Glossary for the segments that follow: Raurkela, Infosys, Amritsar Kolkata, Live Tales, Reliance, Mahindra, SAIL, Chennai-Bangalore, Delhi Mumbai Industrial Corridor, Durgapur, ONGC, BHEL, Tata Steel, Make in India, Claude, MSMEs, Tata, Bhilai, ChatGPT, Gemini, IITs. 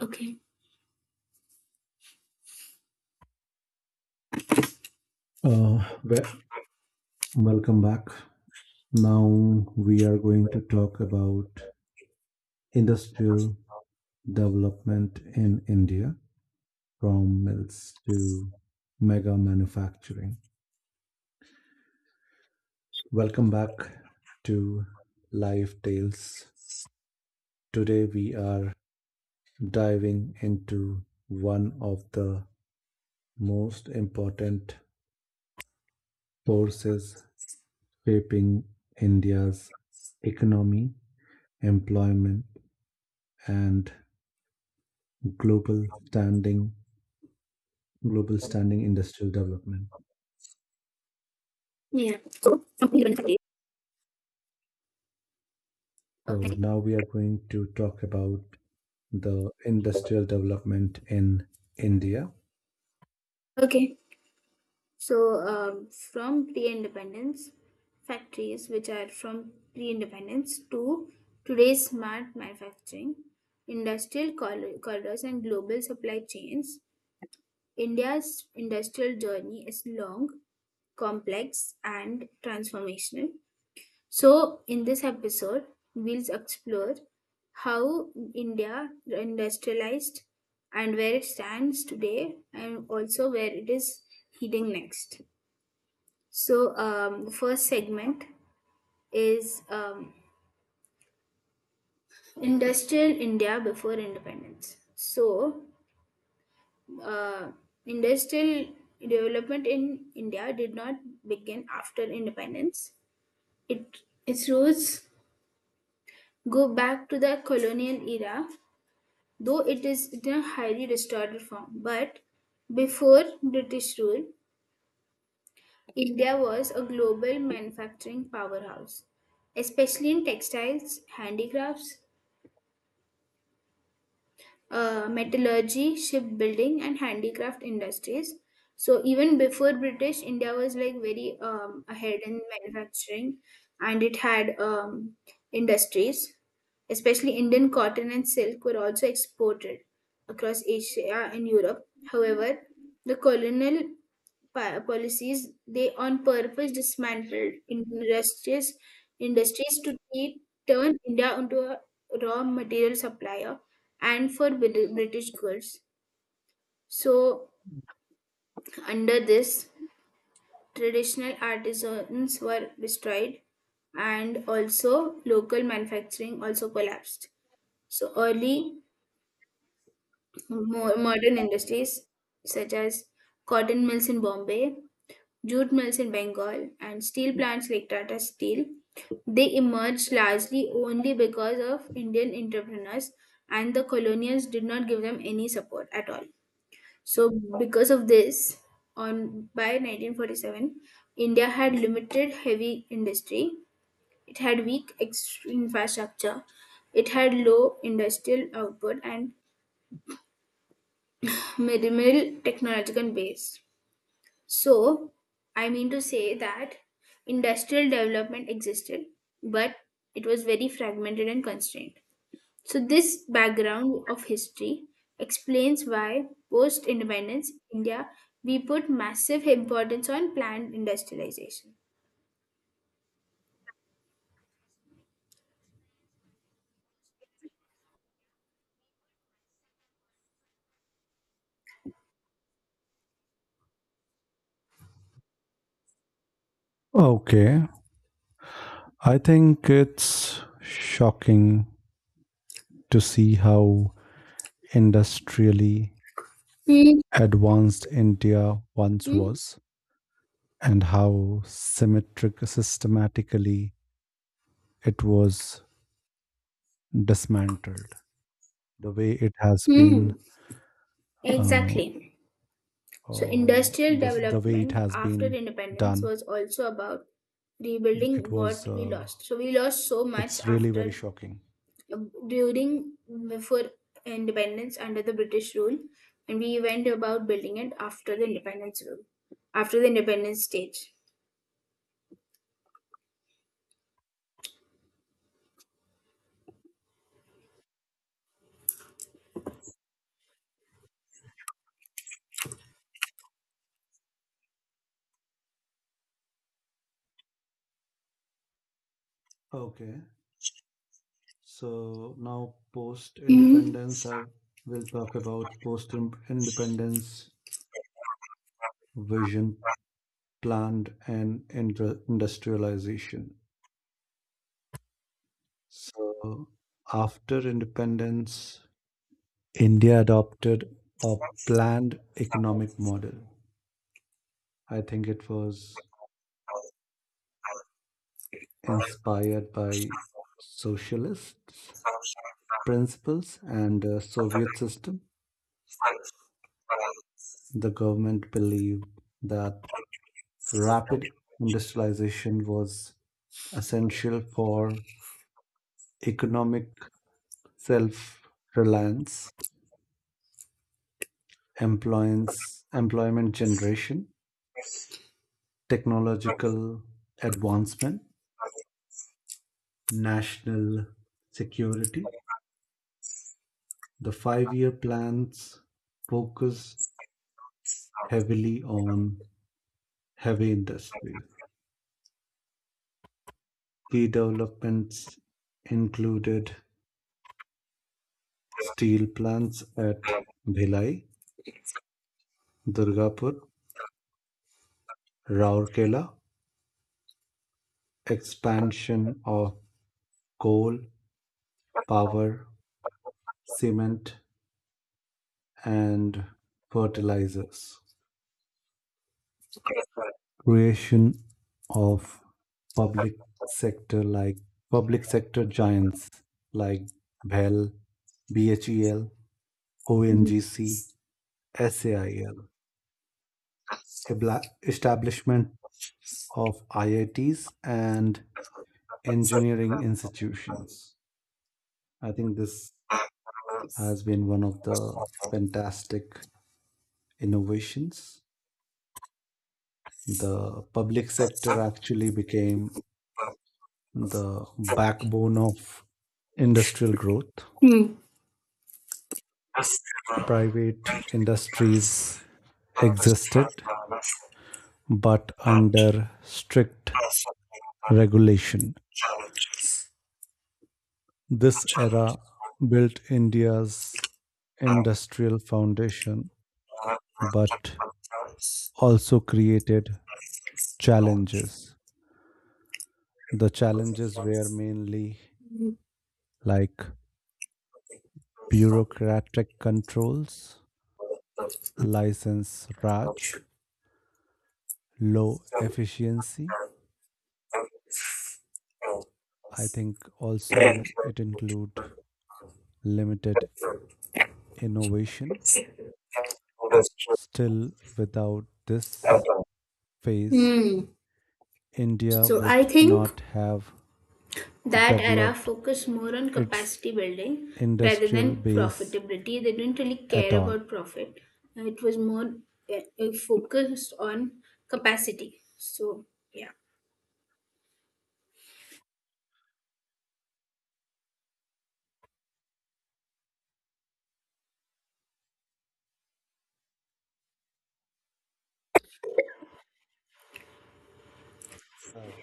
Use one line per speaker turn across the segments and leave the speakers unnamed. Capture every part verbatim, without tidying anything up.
Okay.
Uh, we- Welcome back. Now we are going to talk about industrial development in India, from mills to mega manufacturing. Welcome back to Live Tales. Today we are diving into one of the most important forces shaping India's economy, employment, and global standing global standing industrial development.
Yeah. So from independence factory.
So
Okay.
now we are going to talk about the industrial development in India.
Okay. So, um, from pre independence factories, which are from pre independence to today's smart manufacturing, industrial corri- corridors, and global supply chains, India's industrial journey is long, complex, and transformational. So, in this episode, we'll explore how India industrialized and where it stands today, and also where it is heading next. So, um, the first segment is um, industrial India before independence. So, uh, industrial development in India did not begin after independence. It Its roots go back to the colonial era, though it is in a highly distorted form. But before British rule, India was a global manufacturing powerhouse, especially in textiles, handicrafts, uh, metallurgy, shipbuilding, and handicraft industries. So even before British, India was like very um, ahead in manufacturing, and it had um, industries. Especially Indian cotton and silk were also exported across Asia and Europe. However, the colonial pa- policies, they on purpose dismantled industries industries to keep- turn India into a raw material supplier and for Bri- British goods. So, under this, traditional artisans were destroyed and also local manufacturing also collapsed. So, early mo- modern industries such as cotton mills in Bombay, jute mills in Bengal, and steel plants like Tata Steel, they emerged largely only because of Indian entrepreneurs, and the colonials did not give them any support at all. So, because of this, on by nineteen forty-seven, India had limited heavy industry. It had weak ex- infrastructure. It had low industrial output and minimal technological base. So, I mean to say that industrial development existed, but it was very fragmented and constrained. So, this background of history explains why post independence India, we put massive importance on planned industrialization.
Okay. I think it's shocking to see how industrially
Hmm.
advanced India once
Hmm.
was, and how symmetric systematically it was dismantled, the way it has been
Hmm.
uh,
Exactly. So,
uh,
industrial
this, the way it
development
has
after
been
independence
done.
was also about
It
rebuilding
was,
what we
uh,
lost. So, we lost so much
it's really very
after
shocking.
uh, during before independence under the British rule, and we went about building it after the independence rule, after the independence stage.
Okay. So now, post
Mhm.
independence, I will talk about post independence vision, planned and indru- industrialization. So after independence, India adopted a planned economic model. I think it was inspired by socialist principles and uh, Soviet system. The government believed that rapid industrialization was essential for economic self reliance, employment generation, technological advancement, national security. The five year plans focused heavily on heavy industries. Key developments included steel plants at Bhilai, Durgapur, Raurkela, expansion of coal, power, cement and fertilizers. Creation of public sector like public sector giants like Bell, B H E L, O N G C, SAIL, Ebla- establishment of I I Ts and engineering institutions. I think this has been one of the fantastic innovations. The public sector actually became the backbone of industrial growth.
Mhm.
Private industries existed, but under strict regulation. This era built India's industrial foundation, but also created challenges. The challenges were mainly like bureaucratic controls, license raj, low efficiency. I think also it include limited innovation. Still, without this phase,
Mhm.
India
So I
would
think
not have
that era
developed
focused more on
its
capacity building rather
industrial
than
base
profitability. They didn't really
at
care
all.
about profit. Uh, It was more, uh, uh, focused on capacity. So yeah,
Uh,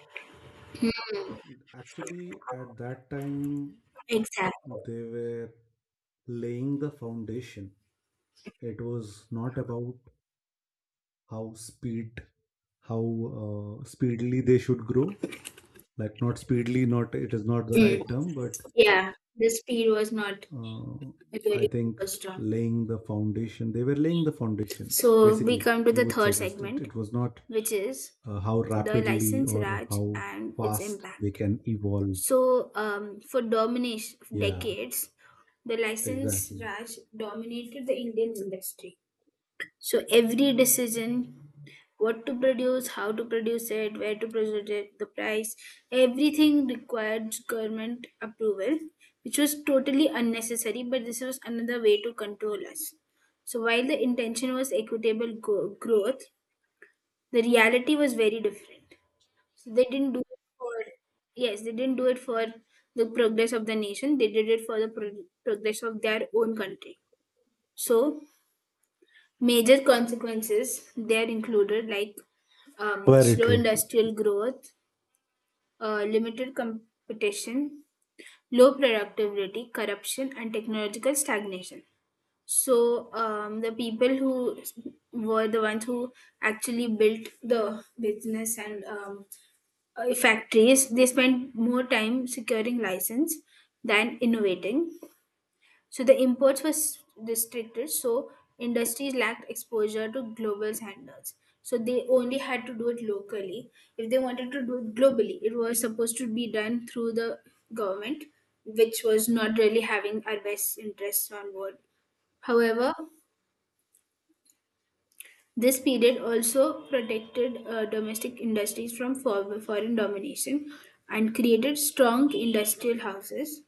Actually, at that time,
exactly.
they were laying the foundation. It was not about how speed, how uh, speedily they should grow. Like, not speedily, not, it is not the
Mm.
right term, but
Yeah, the speed was not
uh, I
really
think
focused on.
laying the foundation. They were laying the foundation.
So we
Basically,
come to
you
the
would
third
suggest it.
segment,
It was not
which is
uh, how
the
rapidly
license
or
raj
how
and its
fast they
impact.
can evolve.
So, um, for domination
Yeah,
decades, the license
exactly.
Raj dominated the Indian industry. So, every decision, what to produce, how to produce it, where to produce it, the price, everything required government approval, which was totally unnecessary, but this was another way to control us. So, while the intention was equitable go- growth, the reality was very different. So they didn't do it for, yes, they didn't do it for the progress of the nation. They did it for the pro- progress of their own country. So major consequences there included, like, um,
Very
slow
true.
industrial growth, uh, limited competition, low productivity, corruption, and technological stagnation. So um, the people who were the ones who actually built the business and, um, uh, factories, they spent more time securing license than innovating. So the imports were s- restricted, so industries lacked exposure to global standards, so they only had to do it locally. If they wanted to do it globally, it was supposed to be done through the government, which was not really having our best interests on board. However, this period also protected uh, domestic industries from for- foreign domination and created strong industrial houses.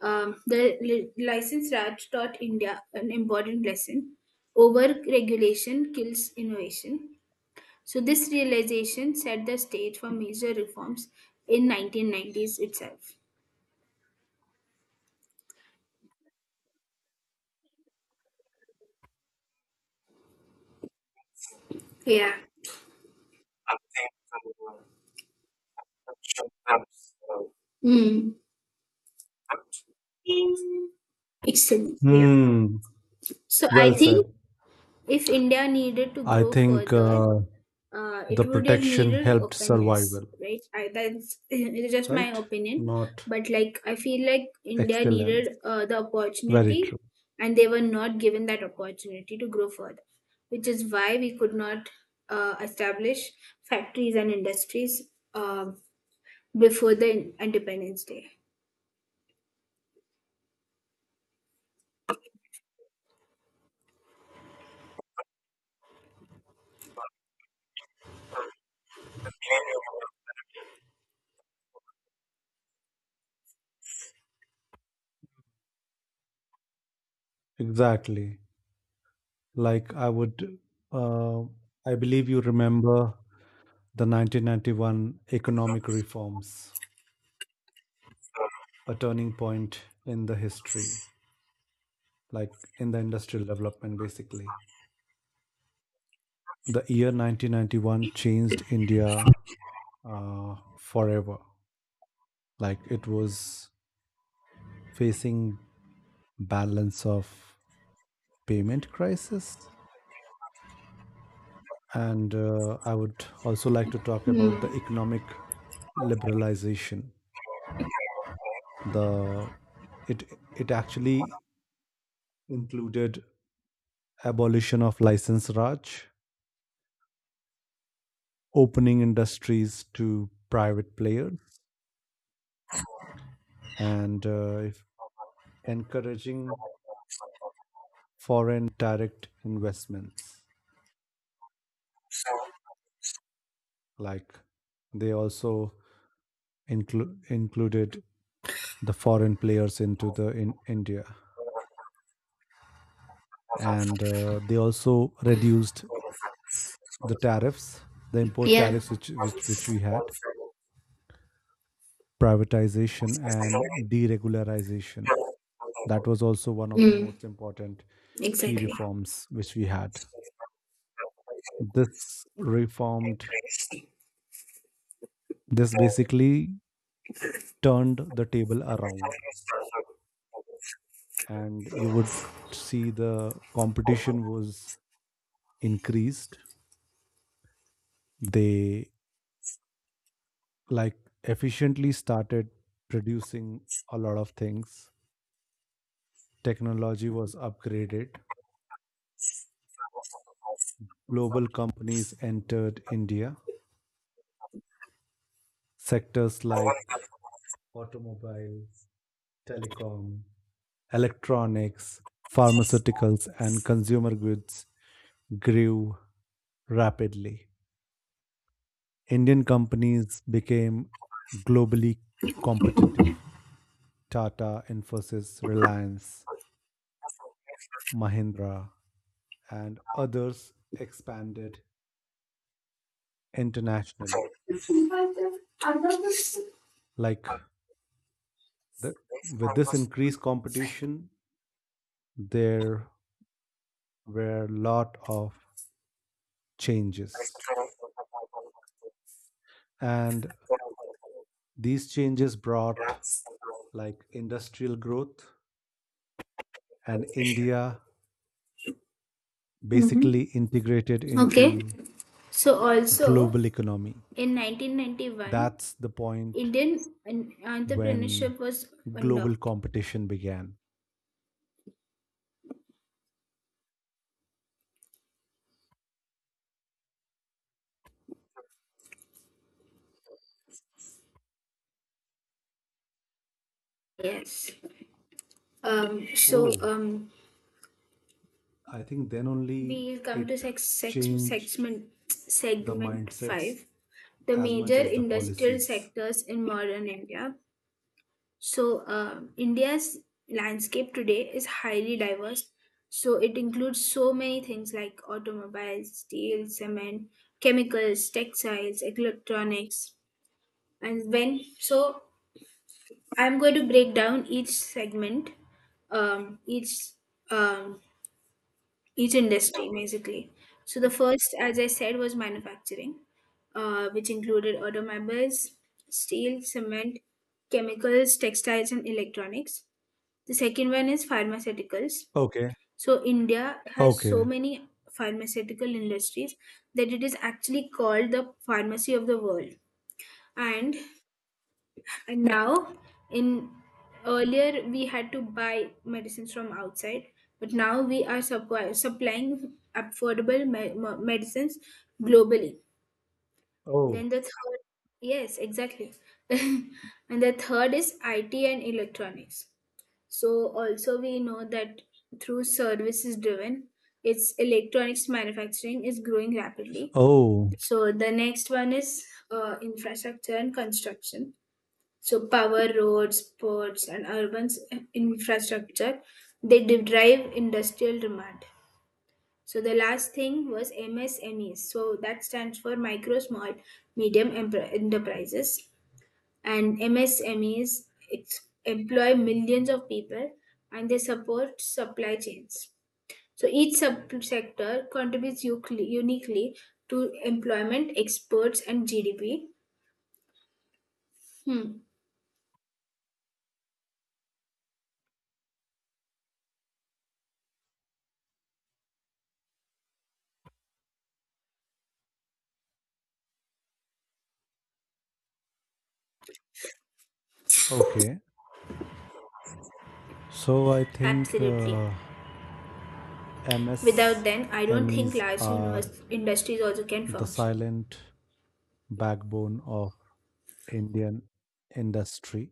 Um, the li- license Raj taught India an important lesson: over regulation kills innovation. So, this realization set the stage for major reforms in nineteen nineties itself. Yeah. Mm, excellent. Yeah.
Hmm.
So I
Well
think
said.
if India needed to
I
grow
think
further,
uh,
uh,
the
it would have
protection
needed
helped
openness,
survival,
right? I, that's, it's just my
right?
opinion,
Not
but like, I feel like India
excellence.
needed uh, the
Very
opportunity,
true.
and they were not given that opportunity to grow further, which is why we could not uh, establish factories and industries uh, before the Independence Day.
Exactly. Like I would, uh, I believe you remember the nineteen ninety-one economic reforms, a turning point in the history, like in the industrial development, basically. The year nineteen ninety-one changed India uh, forever. Like, it was facing balance of payment crisis. And uh, I would also like to talk
Hmm.
about the economic liberalization. The it it actually included abolition of license raj, opening industries to private players, and uh, if encouraging foreign direct investments. Like, they also inclu- included the foreign players into the in India, and uh, they also reduced the tariffs, the import
Yeah.
tariffs which which which we had, privatization and deregularization. That was also one of the
Mm,
most important key
exactly.
reforms which we had. This reformed this basically turned the table around, and you would see the competition was increased. They like efficiently started producing a lot of things. Technology was upgraded, global companies entered India. Sectors like automobiles, telecom, electronics, pharmaceuticals, and consumer goods grew rapidly. Indian companies became globally competitive. Tata, Infosys, Reliance, Mahindra, and others expanded internationally. Like the, with this increased competition, there were a lot of changes. And these changes brought like industrial growth, and India basically integrated
Okay.
into
So also
global economy.
in nineteen ninety-one,
That's the point
Indian en-
when
entrepreneurship was
global
unlocked.
competition began.
Yes. Um, so
Oh,
um,
I think then only
we'll come to
it
sex, sex,
changed
segment,
the
segment
mindsets
five, the
as much
major
as the
industrial
policies.
sectors in modern India. So um, India's landscape today is highly diverse. So it includes so many things like automobiles, steel, cement, chemicals, textiles, electronics, and when, so I'm going to break down each segment, um, each um, each industry basically. So the first, as I said, was manufacturing, uh, which included automobiles, steel, cement, chemicals, textiles, and electronics. The second one is pharmaceuticals.
Okay.
So India has so
Okay.
many pharmaceutical industries that it is actually called the pharmacy of the world. And And now, in earlier, we had to buy medicines from outside, but now we are supply, supplying affordable me- me- medicines globally.
Oh.
Then the third, yes, exactly. And the third is I T and electronics. So, also, we know that through services driven, its electronics manufacturing is growing rapidly.
Oh.
So, the next one is uh, infrastructure and construction. So power, roads, ports, and urban s- infrastructure, they de- drive industrial demand. So the last thing was M S M Es. So that stands for micro, small, medium empre- enterprises. And M S M Es ex- employ millions of people, and they support supply chains. So each sub sector contributes ucli- uniquely to employment, exports, and G D P. Hmm,
Okay. So I think
absolutely.
uh,
Without them, I don't think
M S M Es
large
are
univers- industries also can
the
function.
silent backbone of Indian industry.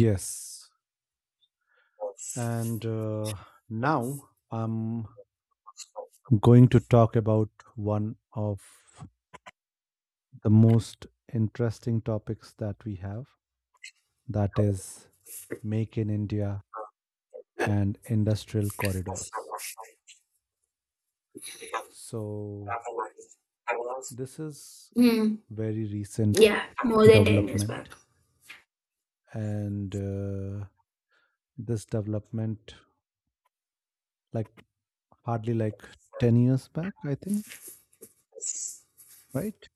Yes. And uh, now I'm going to talk about one of the most interesting topics that we have, that is Make in India and industrial corridors. So, this is
Hmm.
very recent
Yeah, more than ten years
development,
back.
and uh, this development, like, hardly like ten years back, I think, right,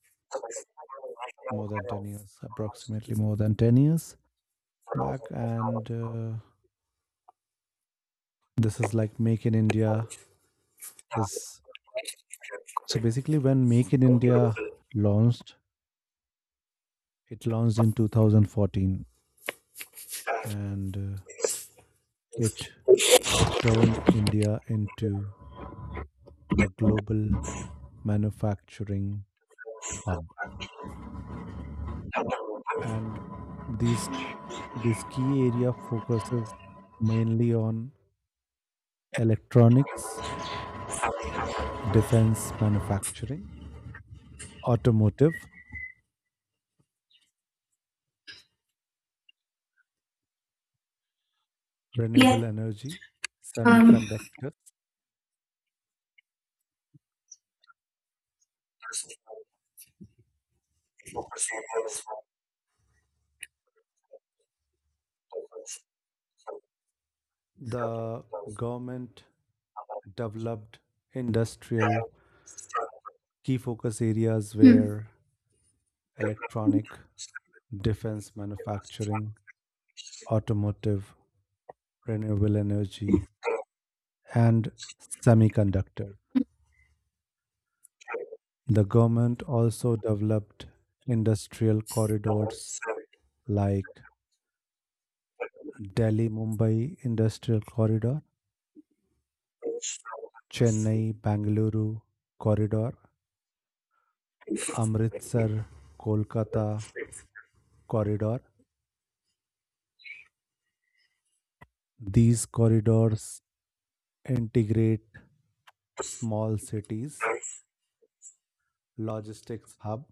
more than ten years, approximately more than ten years back. And uh, this is like, Make in India is, so basically when Make in India launched, it launched in two thousand fourteen. And uh, it turned India into a global manufacturing hub, and these this key area focuses mainly on electronics, defense manufacturing, automotive,
Yeah.
renewable energy,
Uh,
semiconductors. The government developed industrial key focus areas where electronic, defense manufacturing, automotive, renewable energy, and semiconductor. The government also developed industrial corridors like Delhi Mumbai Industrial Corridor, Chennai-Bangalore corridor, Amritsar Kolkata corridor. These corridors integrate small cities, logistics hub,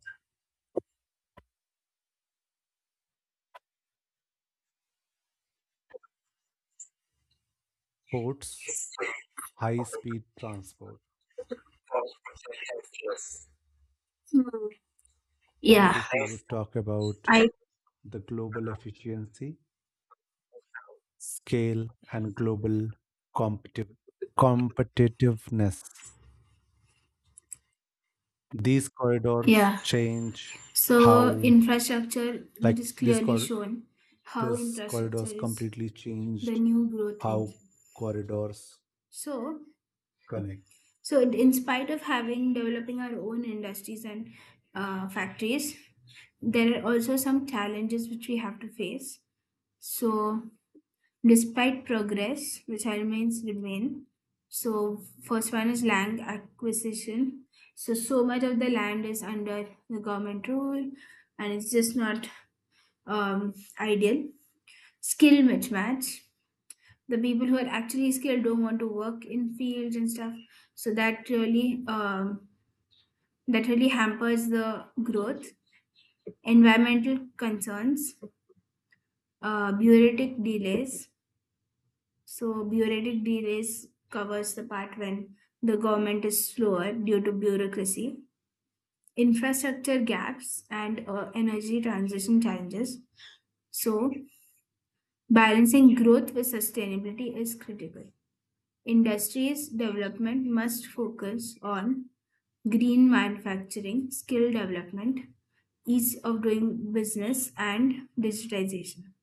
ports, high speed transport. And
Yeah,
if you would talk about
I
the global efficiency, scale, and global competitive competitiveness, these corridors
Yeah.
change
So
how,
infrastructure, it
like,
is
these
clearly
cor-
shown how
this
infrastructure
corridors
is
completely
the
changed
new growth
how
engine.
corridors
So
connect.
so in in spite of having developing our own industries and, uh, factories, there are also some challenges which we have to face. So despite progress, which I remains remain. So first one is land acquisition. So so much of the land is under the government rule, and it's just not um, ideal. Skill mismatch. The people who are actually skilled don't want to work in fields and stuff. So that really um, that really hampers the growth. Environmental concerns, uh, bureaucratic delays. So, bureaucratic delays covers the part when the government is slower due to bureaucracy, infrastructure gaps, and uh, energy transition challenges. So, balancing growth with sustainability is critical. Industries development must focus on green manufacturing, skill development, ease of doing business, and digitization.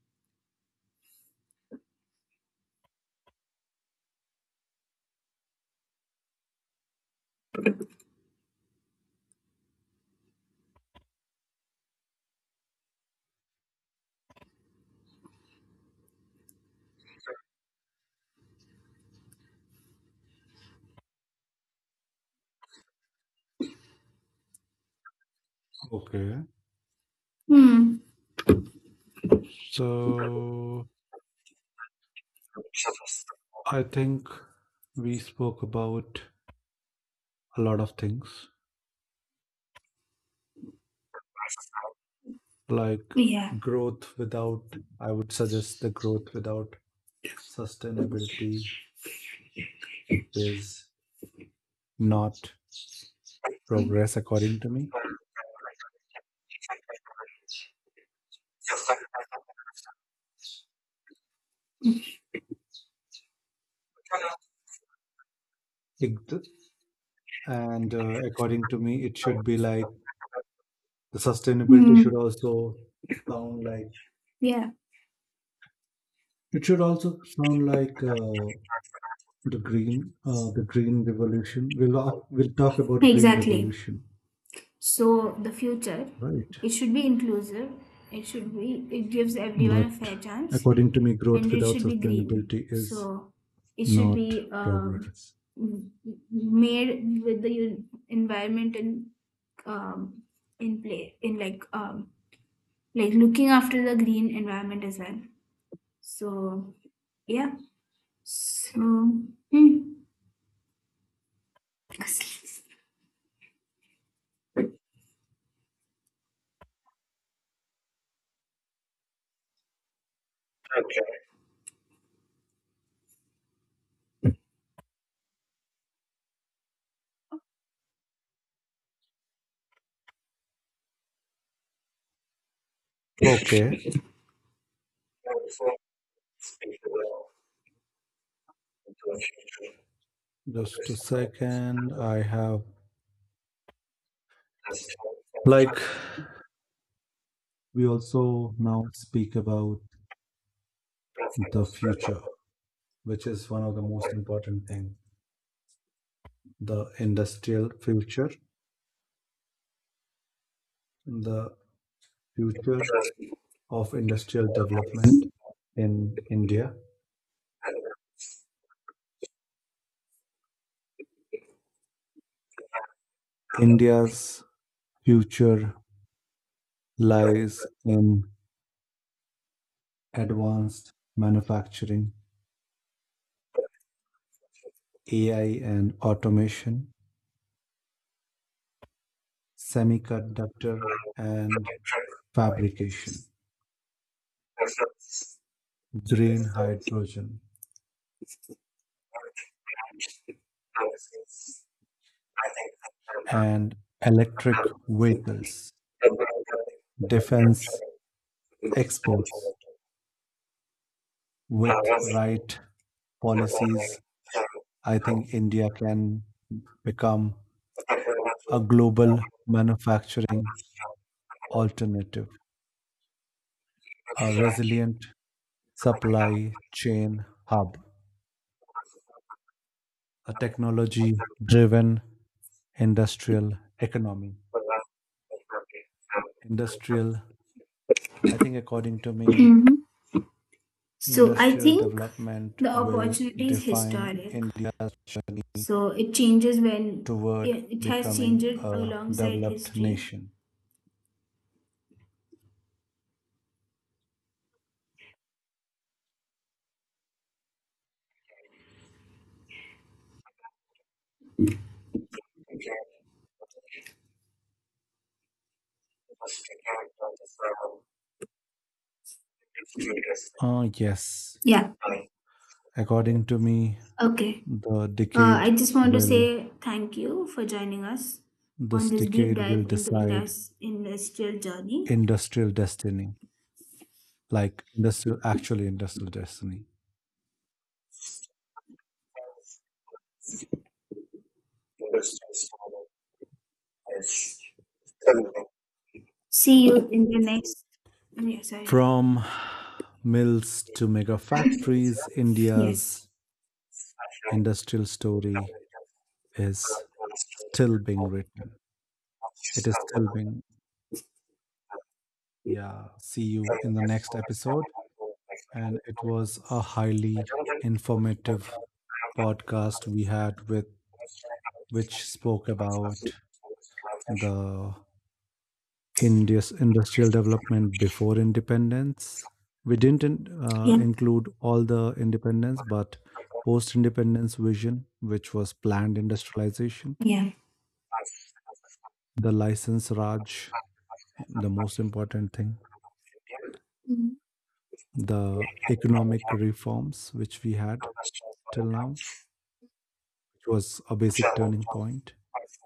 Okay.
Hmm.
So I think we spoke about a lot of things like
Yeah.
growth without, I would suggest, the growth without sustainability is not progress, according to me. It- and uh, According to me, it should be like the sustainability should
Hmm.
also sound like,
Yeah.
it should also sound like uh, the green uh, the green revolution. We'll we'll talk about green
Exactly.
revolution,
So the future,
right?
it should be inclusive. It should be, it gives everyone a
But
fair chance,
according to me, growth
and it
without
should be green.
sustainability is
So it should
not
be um,
progress.
m- m- made with the en- environment in, um, in play in, like, um, like looking after the green environment as well. So yeah. So hmm.
Okay, just a second. I have, like, we also now speak about the future, which is one of the most important thing, the industrial future, the future of industrial development in India. India's future lies in advanced manufacturing, A I and automation, semiconductor and fabrication, green hydrogen and electric vehicles, defense exports. With right policies, I think India can become a global manufacturing alternative, a resilient supply chain hub, a technology driven industrial economy. Industrial, I think, according to me,
So I
industrial
think
development
the
will
opportunity is
define
historic.
India's journey
So it changes when it
toward
it has changed
becoming a
alongside
developed
history.
nation. Ah, yes.
Yeah,
According to me,
okay.
the
Uh,
decade
I just want to
will,
say thank you for joining us on
this
this deep
decade will
dive into
decide
Indus industrial journey.
industrial destiny, like industrial, actually industrial destiny.
See you in the next. Oh, yeah, sorry.
From mills to mega factories,
Yes.
India's industrial story is still being written. It is still being, yeah. See you in the next episode. And it was a highly informative podcast we had with, which spoke about the India's industrial development before independence. We didn't in- uh,
Yeah.
include all the independence, but post independence vision, which was planned industrialization,
Yeah.
the license Raj, the most important thing, the economic reforms which we had till now, which was a basic turning point,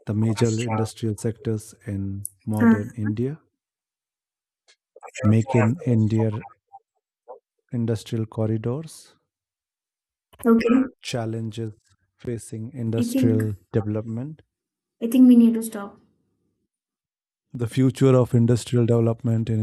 the major industrial sectors in
Uh,
modern India, Make in India, industrial corridors,
okay.
challenges facing
I think
industrial development,
I think we need to stop.
the future of industrial development in